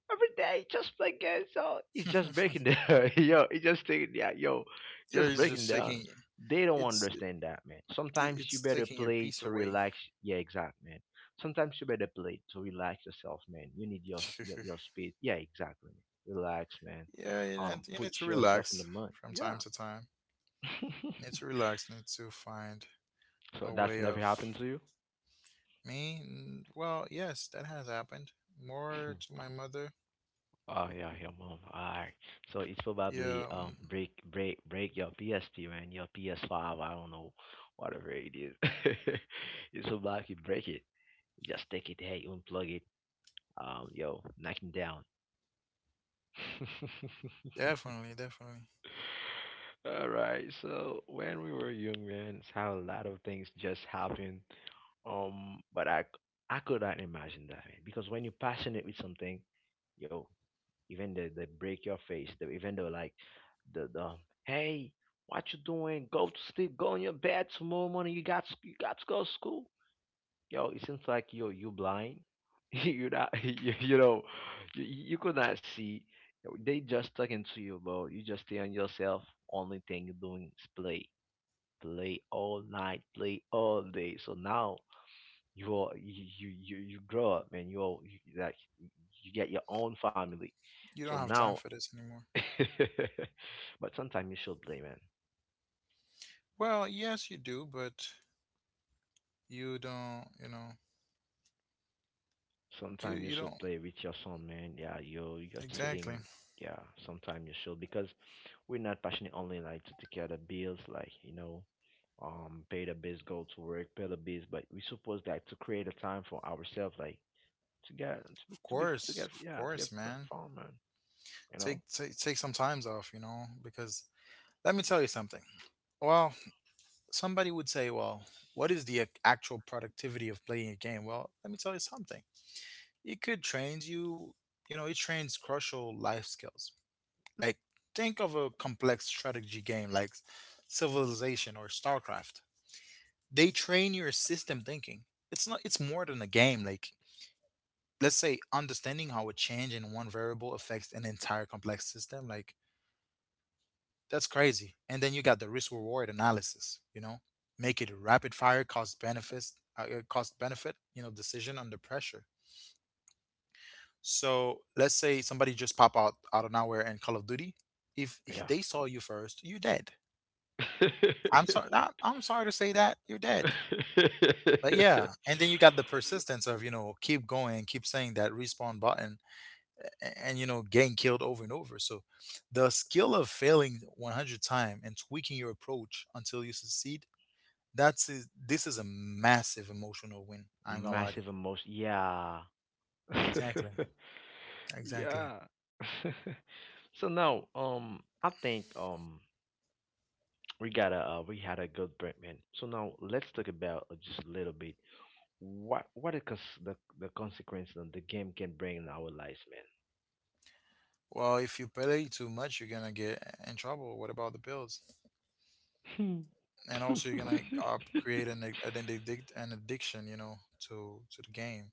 Every day just play games. So it's just Yeah, breaking down. Yo, it's just taking yeah, yo, just it's breaking just down. taking, They don't it's it, understand that, man. Sometimes you it's better taking your play peace to away. relax. Yeah, exact, man. Sometimes you better play to relax yourself, man. You need your speed. Yeah, exactly. Relax, man. Yeah, you know, you Put need to yourself in the relax mud. from Yeah. time to time. Need to relax, need to find So a that's way never of happened to you. me. Well, yes, that has happened more to my mother. Oh yeah, your mom. Alright. So it's yeah probably um, mm, break your PSP, man, your PS5, I don't know, whatever it is. It's probably you break it. Just take it, hey, unplug it. Um, yo, knock it down. definitely. Alright, so when we were young, man, it's how a lot of things just happened. Um, but I c- I could not imagine that, man. Because when you're passionate with something, yo, even the break your face, the even though like the hey, what you doing? Go to sleep, go in your bed. Tomorrow morning, you got to go to school. Yo, it seems like yo you blind. You not you know you could not see. They just talking to you, bro. You just stay on yourself. Only thing you're doing is play, play all night, play all day. So now you grow up, man, like you get your own family, You so don't have time now for this anymore. but sometimes you should play, man. Well, yes, you do, but you don't, you know, you Sometimes you you should don't. play with your son, man. Yeah, you you're Exactly. sitting yeah, sometimes you should, because we're not passionate only like to take care of the bills, like you know, um, pay the bills, go to work, pay the bills, but we supposed like to create a time for ourselves, like to get to, be- to be to get Of yeah, to get course, man. perform, man, you know. Take some times off, you know, because let me tell you something. Well, somebody would say, well, what is the actual productivity of playing a game? Well, let me tell you something. It could train you, you know, it trains crucial life skills. Like, think of a complex strategy game like Civilization or StarCraft. They train your system thinking. It's not, it's more than a game. Like, let's say understanding how a change in one variable affects an entire complex system, like, that's crazy. And then you got the risk reward analysis, you know, make it a rapid fire cost benefits, cost benefit, you know, decision under pressure. So let's say somebody just pop out out of nowhere in Call of Duty. If Yeah. they saw you first, you're dead. I'm sorry to say that, you're dead. But yeah, and then you got the persistence of, you know, keep going, keep saying that respawn button and, you know, getting killed over and over. So the skill of failing 100 times and tweaking your approach until you succeed, that's is this is a massive emotional win. I ain't gonna lie to you. Massive emotion. Yeah. Exactly. Exactly. Yeah. So now, I think we had a good break, man. So now let's talk about just a little bit what is cons- the consequence that the game can bring in our lives, Well, if you play too much, you're gonna get in trouble. What about the pills? man. And also, you're gonna create an, an addict an addiction, you know, to the game.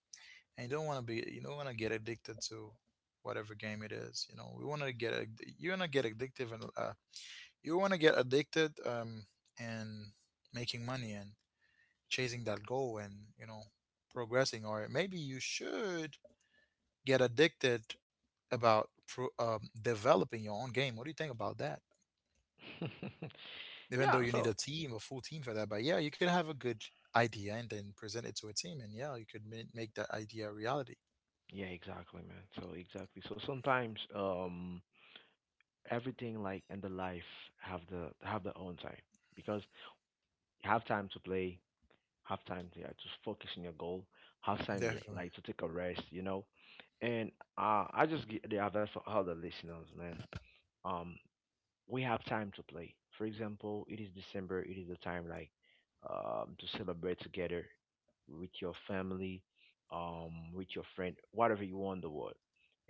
And you don't want to be, you don't want to get addicted to whatever game it is. You know, we want to get you want to get addictive and you want to get addicted, and making money and chasing that goal and, you know, progressing. Or maybe you should get addicted about developing your own game. What do you think about that? Even though you Yeah. need a So team, a full team for that, but yeah, you could have a good idea and then present it to a team, and yeah, you could make that idea a reality. yeah, exactly, man. So exactly. So sometimes, everything like in the life have their own time because you have time to play, have time to, yeah, to focus on your goal, have time, yeah, Definitely. like to take a rest, you know. And I just get the advice for all the listeners, man. Um we have time to play. For example, it is December, it is the time like to celebrate together with your family, with your friend, whatever you want in the world.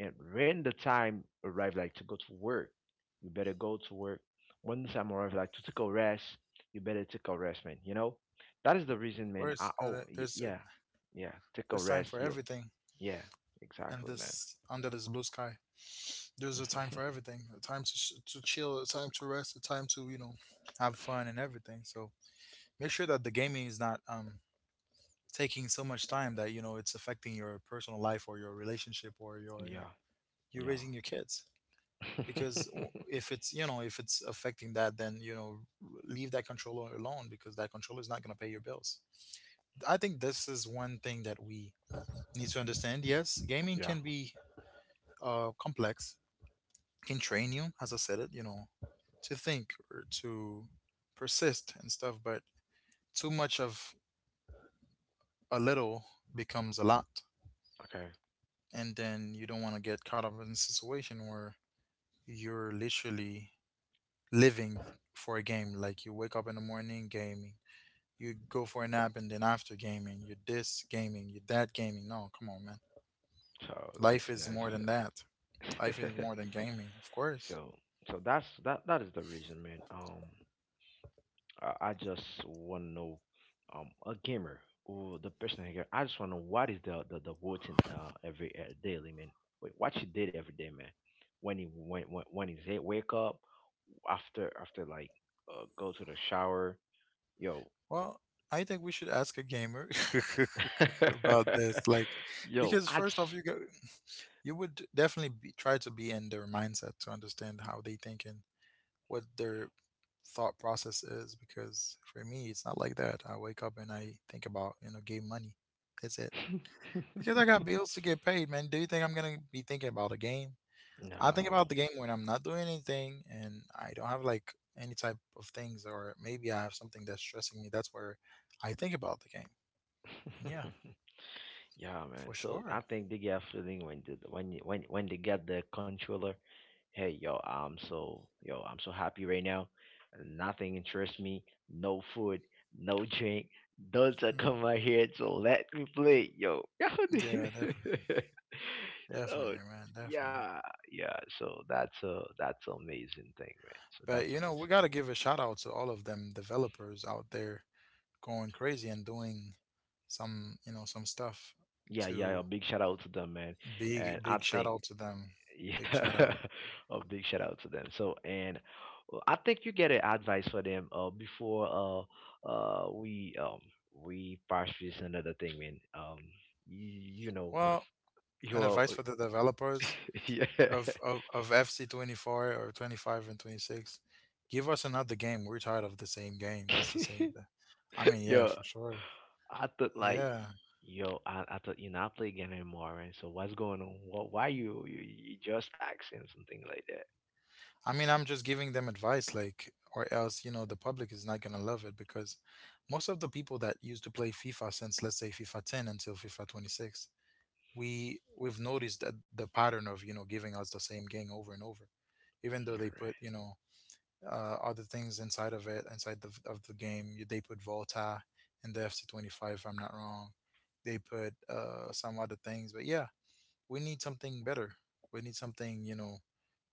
And when the time arrives, like to go to work, you better go to work. When the time arrives, like to take a rest, you better take a rest, man. You know, that is the Of reason, man. course. Gotta, Yeah, yeah, take there's a time for rest. Yeah, everything, yeah, and exactly, man. this under this blue sky. There's a time for everything. A time to to chill. A time to rest. A time to, you know, have fun and everything. So make sure that the gaming is not taking so much time that, you know, it's affecting your personal life or your relationship or your, you know, Yeah, you're yeah, raising your kids. Because w- if it's, you know, if it's affecting that, then you know, leave that controller alone, because that controller is not going to pay your bills. I think this is one thing that we need to understand. Yes, gaming yeah. can be complex, can train you, as I said it, you know, to think or to persist and stuff, but too much of a little becomes a lot. Okay. And then you don't want to get caught up in a situation where you're literally living for a game. Like, you wake up in the morning gaming, you go for a nap, and then after gaming, you're this gaming, you're that gaming. No, come on, man. So Life that's is more than Nashville. that. Life is more than gaming, of course. so so that that is the reason, man. I just want to know, a gamer or the person here. I just want to know what is the routine, every daily, man. Wait, what you did every day, man. When he's here, wake up after like go to the shower, yo, Well, I think we should ask a gamer about this, like, yo, because I first off, just you go, you would definitely be, try to be in their mindset to understand how they think and what their thought process is. Because for me, it's not like that. I wake up and I think about, you know, game money. That's it. Because I got bills to get paid, man. Do you think I'm gonna be thinking about a game? I think no. about the game when I'm not doing anything and I don't have like any type of things, or maybe I have something that's stressing me. That's where I think about the game. Yeah, Yeah, man. for So I sure. think they get a feeling when they get the controller. Hey, yo, I'm so, yo, I'm so happy right now. Nothing interests me. No food, no drink. Don't Mm. come out here. So let me play, yo. Yeah, definitely. so Definitely, man. Definitely. yeah, yeah. So that's a that's amazing thing, man. So But that's you know, we amazing. got to give a shout out to all of them developers out there going crazy and doing some, you know, some stuff. Yeah, yeah. A To big shout out to them, man. And Big, I big shout think, out to them. Big shout yeah, out. a big shout out to them. So and well, I think you get an advice for them before uh uh we um we pass this another thing, man. You know Well, an you're, advice for the developers yeah of FC24 or 25 and 26. Give us another game. We're tired of the same game. That's the same. I mean, yeah, yeah, for sure. I thought like, Yeah. yo, I thought you're not playing game anymore, man. So what's going on? What, why you just accent something like that? I mean, I'm just giving them advice, like, or else, you know, the public is not going to love it, because most of the people that used to play FIFA since, let's say, FIFA 10 until FIFA 26, we've noticed that the pattern of, you know, giving us the same game over and over, even though they All put, you know, other things inside of it, inside of the game. They put Volta in the FC 25, if I'm not wrong. They put some other things, but yeah, we need something better. We need something, you know,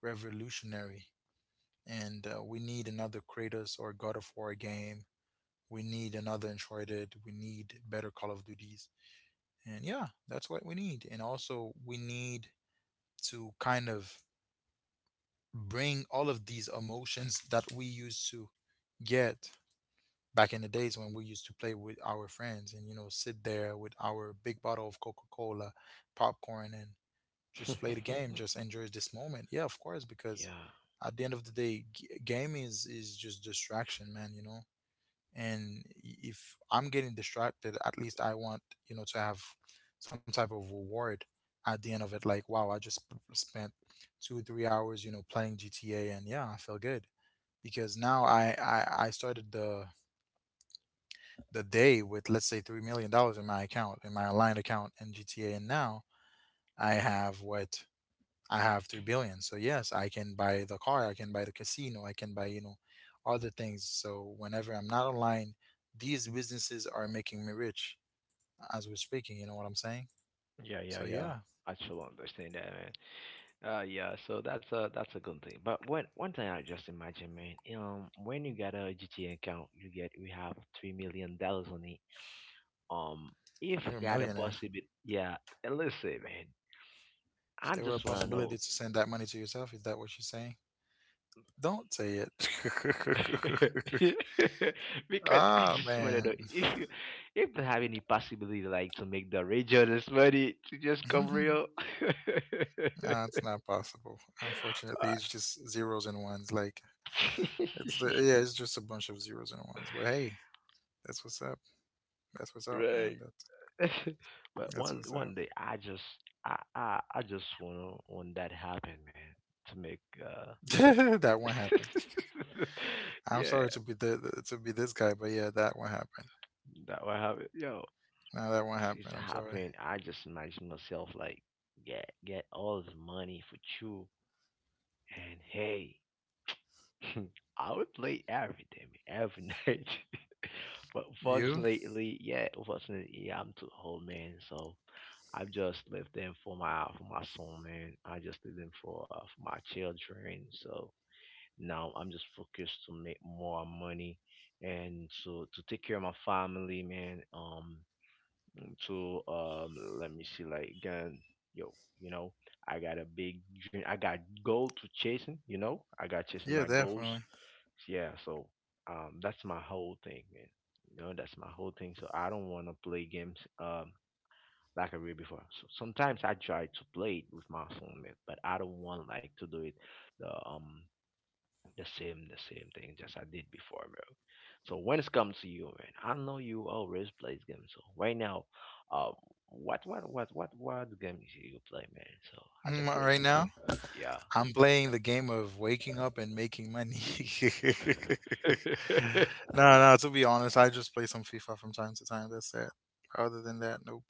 revolutionary, and we need another Kratos or God of War game. We need another Uncharted. We need better Call of Duties. And yeah, that's what we need. And also, we need to kind of bring all of these emotions that we used to get back in the days when we used to play with our friends and, you know, sit there with our big bottle of Coca Cola, popcorn, and right. just play the game, just enjoy this moment. Yeah, of course, because yeah, at the end of the day, gaming is just distraction, man, you know? And if I'm getting distracted, at least I want, you know, to have some type of reward at the end of it. Like, wow, I just spent 2 3 hours, you know, playing GTA, and yeah, I feel good. Because now I started the day with, let's say, $3 million in my account, in my aligned account in GTA, and now I have what, I have 3 billion. So yes, I can buy the car, I can buy the casino, I can buy, you know, other things. So whenever I'm not online, these businesses are making me rich as we're speaking, you know what I'm saying? yeah, So yeah, yeah, yeah, I should understand that, man. Yeah, so that's a good thing. But one thing I just imagine, man, when you get a GTA account, you get, we have $3 million on it. Um, if you're a you had a millionaire. possibility, yeah. And listen, man, If I there were a just wanna possibility know, to send that money to yourself, is that what you're saying? Don't say it. because I Ah, just wanna know man. if you have any possibility like to make the regional's money to just come No, real. it's not possible. Unfortunately, it's just zeros and ones. Like, Uh, it's the yeah, it's just a bunch of zeros and ones. But hey, that's what's up. That's what's up, right. man. That's but That's one what's up. one day I just, I just wanna want that happen, man. To make That one happened. I'm yeah, sorry to be to be this guy, but yeah, that one happened. that will happen. Yo, No, that one it's happened. I'm sorry. happening. I just imagine myself like get all the money for you and, hey, I would play every day, man, every night. but You? fortunately, yeah, unfortunately, yeah, I'm too old, man. So I just leave them for my son, man. I just leave them for my children. So now I'm just focused to make more money and to take care of my family, man. To let me see, like again, yo, you know, I got a big dream. I got goal to chasing, you know. I got chasing Yeah, my goals, definitely. yeah. So that's my whole thing, man. You know, that's my whole thing. So I don't want to play games like I did before. So sometimes I try to play it with my phone, man, but I don't want like to do it the um the same thing just I did before, bro. So when it comes to you, man, I know you always plays games. So right now, um, what what games you play, man? So at the Right present now, time, yeah. I'm playing the game of waking up and making money. No, no. To be honest, I just play some FIFA from time to time. That's it. Other than that, nope,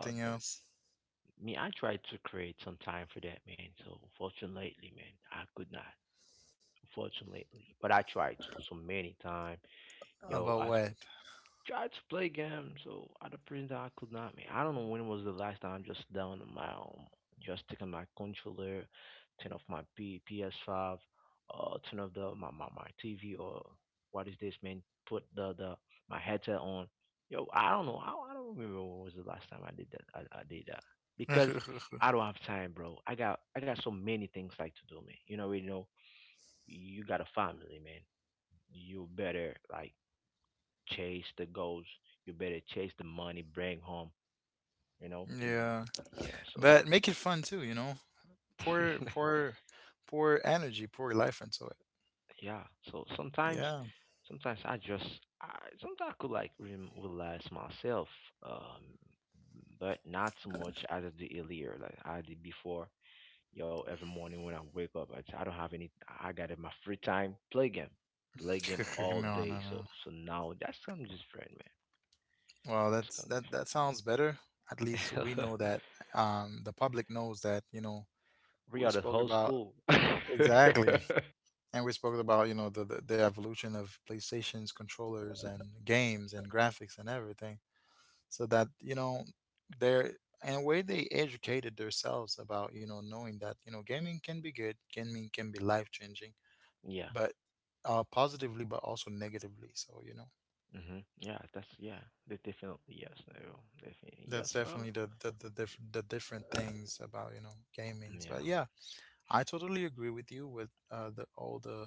Oh, else. me, I tried to create some time for that, man. So fortunately, man, I could not. Fortunately, but I tried to so many times. About Yo, I what? tried to play games, so at the present I could not. Man, I don't know when was the last time I just down on my own, just taking my controller, turn off my PS5, turn off my TV, or what is this, man? Put the my headset on. Yo, I don't know. I don't remember when was the last time I did that. I did that because I don't have time, bro. I got so many things like to do, man. You know, you know, you got a family, man. You better like chase the goals. You better chase the money, bring home. You know, you, Yeah, yeah. So but make it fun too. You know, pour pour energy, pour life into it. yeah. So sometimes, Yeah. sometimes I just, I sometimes I could like relax myself, um, but not so much as I did earlier, like I did before. Yo, every morning when I wake up, I don't have any. I got in my free time play game all No, no, day. no. So so now that's something different, man. Well, That's that's, something that that sounds better. At least we different. know that the public knows that, you know, We we are the spoke whole about, school. exactly. And we spoke about, you know, the evolution of PlayStation's controllers and games and graphics and everything. So that, you know, they're in a way they educated themselves about, you know, knowing that, you know, gaming can be good, gaming can be life changing, Yeah. but positively but also negatively. So, you know. Yeah, that's, yeah. Definitely yes. No. Definitely That's yes. definitely So the the different things about you know gamings. But yeah. yeah, I totally agree with you with the all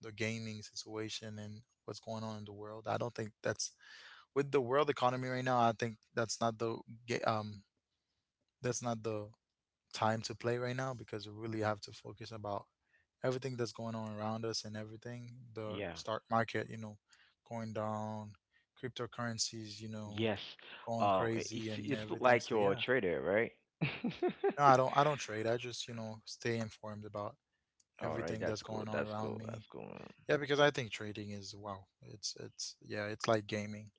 the gaming situation and what's going on in the world. I don't think that's with the world economy right now. I think that's not the ga- um that's not the time to play right now because we really have to focus about everything that's going on around us and everything. The Yeah. stock market, you know, going down, cryptocurrencies, you know, Yes. going Um, crazy it's and it's look everything. like So your yeah. trader, right? No, I don't. I don't trade. I just you know stay informed about All right, everything that's that's cool. going on That's around cool. me. That's cool, man. Yeah, because I think trading is wow. It's yeah. It's like gaming.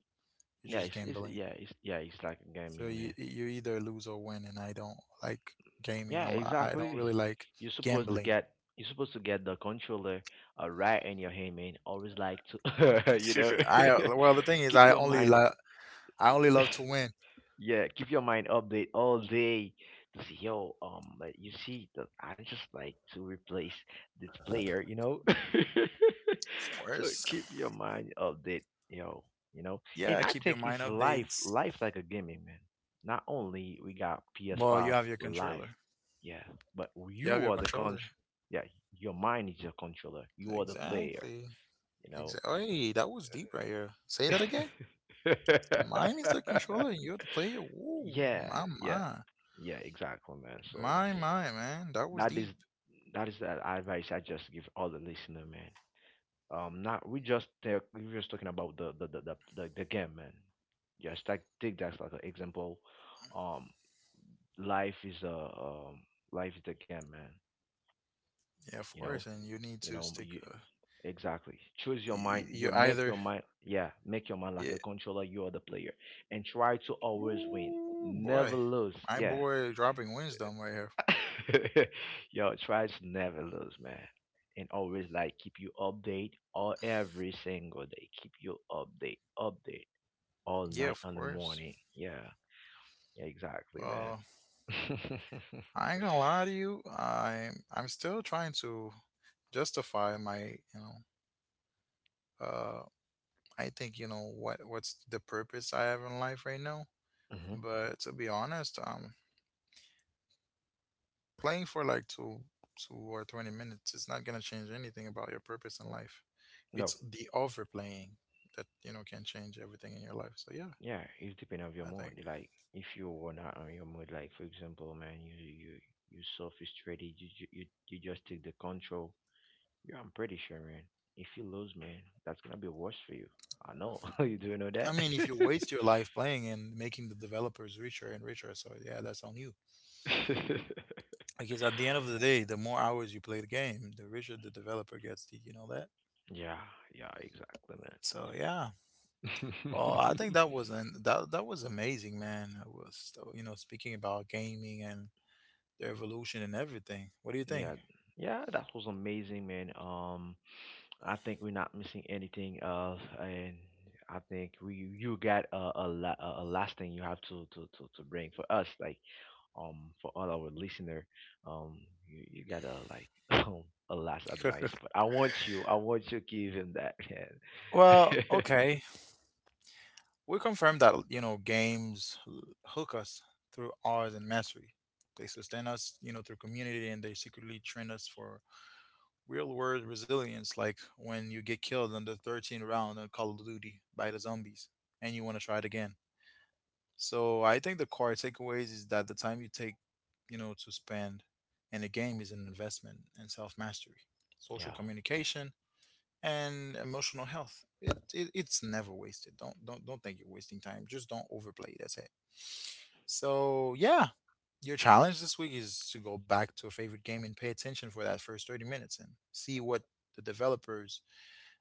It's Yeah, just it's, gambling. yeah, it's, yeah, it's like So gaming, you man. you either lose or win, and I don't like gaming. Yeah, I don't exactly. really like You're supposed to gambling. get, you're supposed to get the controller right in your hand, man. Always like to, you know, I, well the thing is keep your mind. I only love to win. Yeah, keep your mind update all day. To see, yo, like, you see, that I just like to replace this player, you know. Of so course. keep your mind update, yo, you know. And Yeah, I keep your think mind it's life, updates. life like a gaming, man. Not only we got Well, you PS5 have your live, controller. yeah, but You have you your are the control. controller. Yeah, your mind is your controller. You are the player, Exactly. you know. Exactly. Hey, that was deep right here. Say that again. Mine is the controller and you're the player. Ooh, Yeah, my, yeah, my, yeah, exactly, man. So my, my, man. That was that is deep. that is the advice I just give all the listener, man. Not we were just talking about the game, man. Just like take that as like an example. Um, life is a um life is the game, man. Yeah, of You course. know, And you need you to know stick. you exactly choose your You, mind. you You make either. your mind, yeah, make your mind like Yeah. a controller. You are the player, and try to always win, Ooh, never boy. lose. My Yeah. boy dropping wisdom right here. Yo, try to never lose, man. And always like keep you update all every single day. Keep you update, update all Yeah, night of on the course. morning. Yeah, yeah, exactly, man. Uh, I ain't gonna lie to you. I'm still trying to justify my, you know, uh, I think you know what what's the purpose I have in life right now. hmm But to be honest, playing for like two, two or 20 minutes is not going to change anything about your purpose in life. No, It's the overplaying that, you know, can change everything in your life. So, yeah, yeah, it's depending on your I think. mood. Like if you were not on your mood, like for example, man, you so frustrated, you ju- you just take the control. Yeah, I'm pretty sure, man. If you lose, man, that's gonna be worse for you. I know. you do know I that. mean, if you waste your life playing and making the developers richer and richer, so yeah, that's on you. Because at the end of the day, the more hours you play the game, the richer the developer gets. Did you know that? yeah, yeah, exactly, So yeah, well, I man. think that was an that that was amazing, man. I was you know speaking about gaming and the evolution and everything. What do you think? yeah, yeah, that was amazing, man. I think we're not missing anything else, and I think we you got a a last thing you have to, to bring for us, like for all our listener, um you got a like um a last advice, but I want you to give him that, man. Well, okay. We confirmed that, you know, hook us through ours and mastery. They sustain us, you know, through community and they secretly train us for real world resilience, like when you get killed on the 13th round of Call of Duty by the zombies and you want to try it again. So I think the core takeaways is that the time you take, you know, to spend in a game is an investment in self mastery, social yeah. communication, and emotional health. It's never wasted. Don't think you're wasting time. Just don't overplay. That's it. So yeah, your challenge this week is to go back to a favorite game and pay attention for that first 30 minutes and see what the developers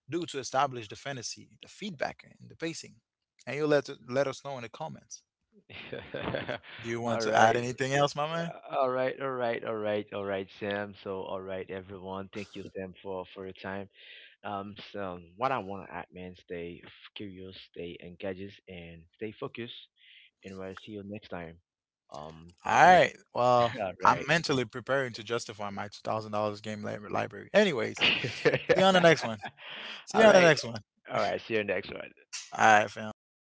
do to establish the fantasy, the feedback, and the pacing. And you let us know in the comments. Do you want all to add right. anything else, my man? Yeah, all right, all right, all right, all right, Sam. So, all right, everyone. Thank you, Sam, for your time. So what I want to add, man, stay curious, stay engaged, and stay focused. And we'll see you next time. All On right. the- Well, all I'm right, mentally preparing to justify my $2,000 library. Anyways, see you on the next one. See you all on the right, next one. all right. See you next one. All right, fam.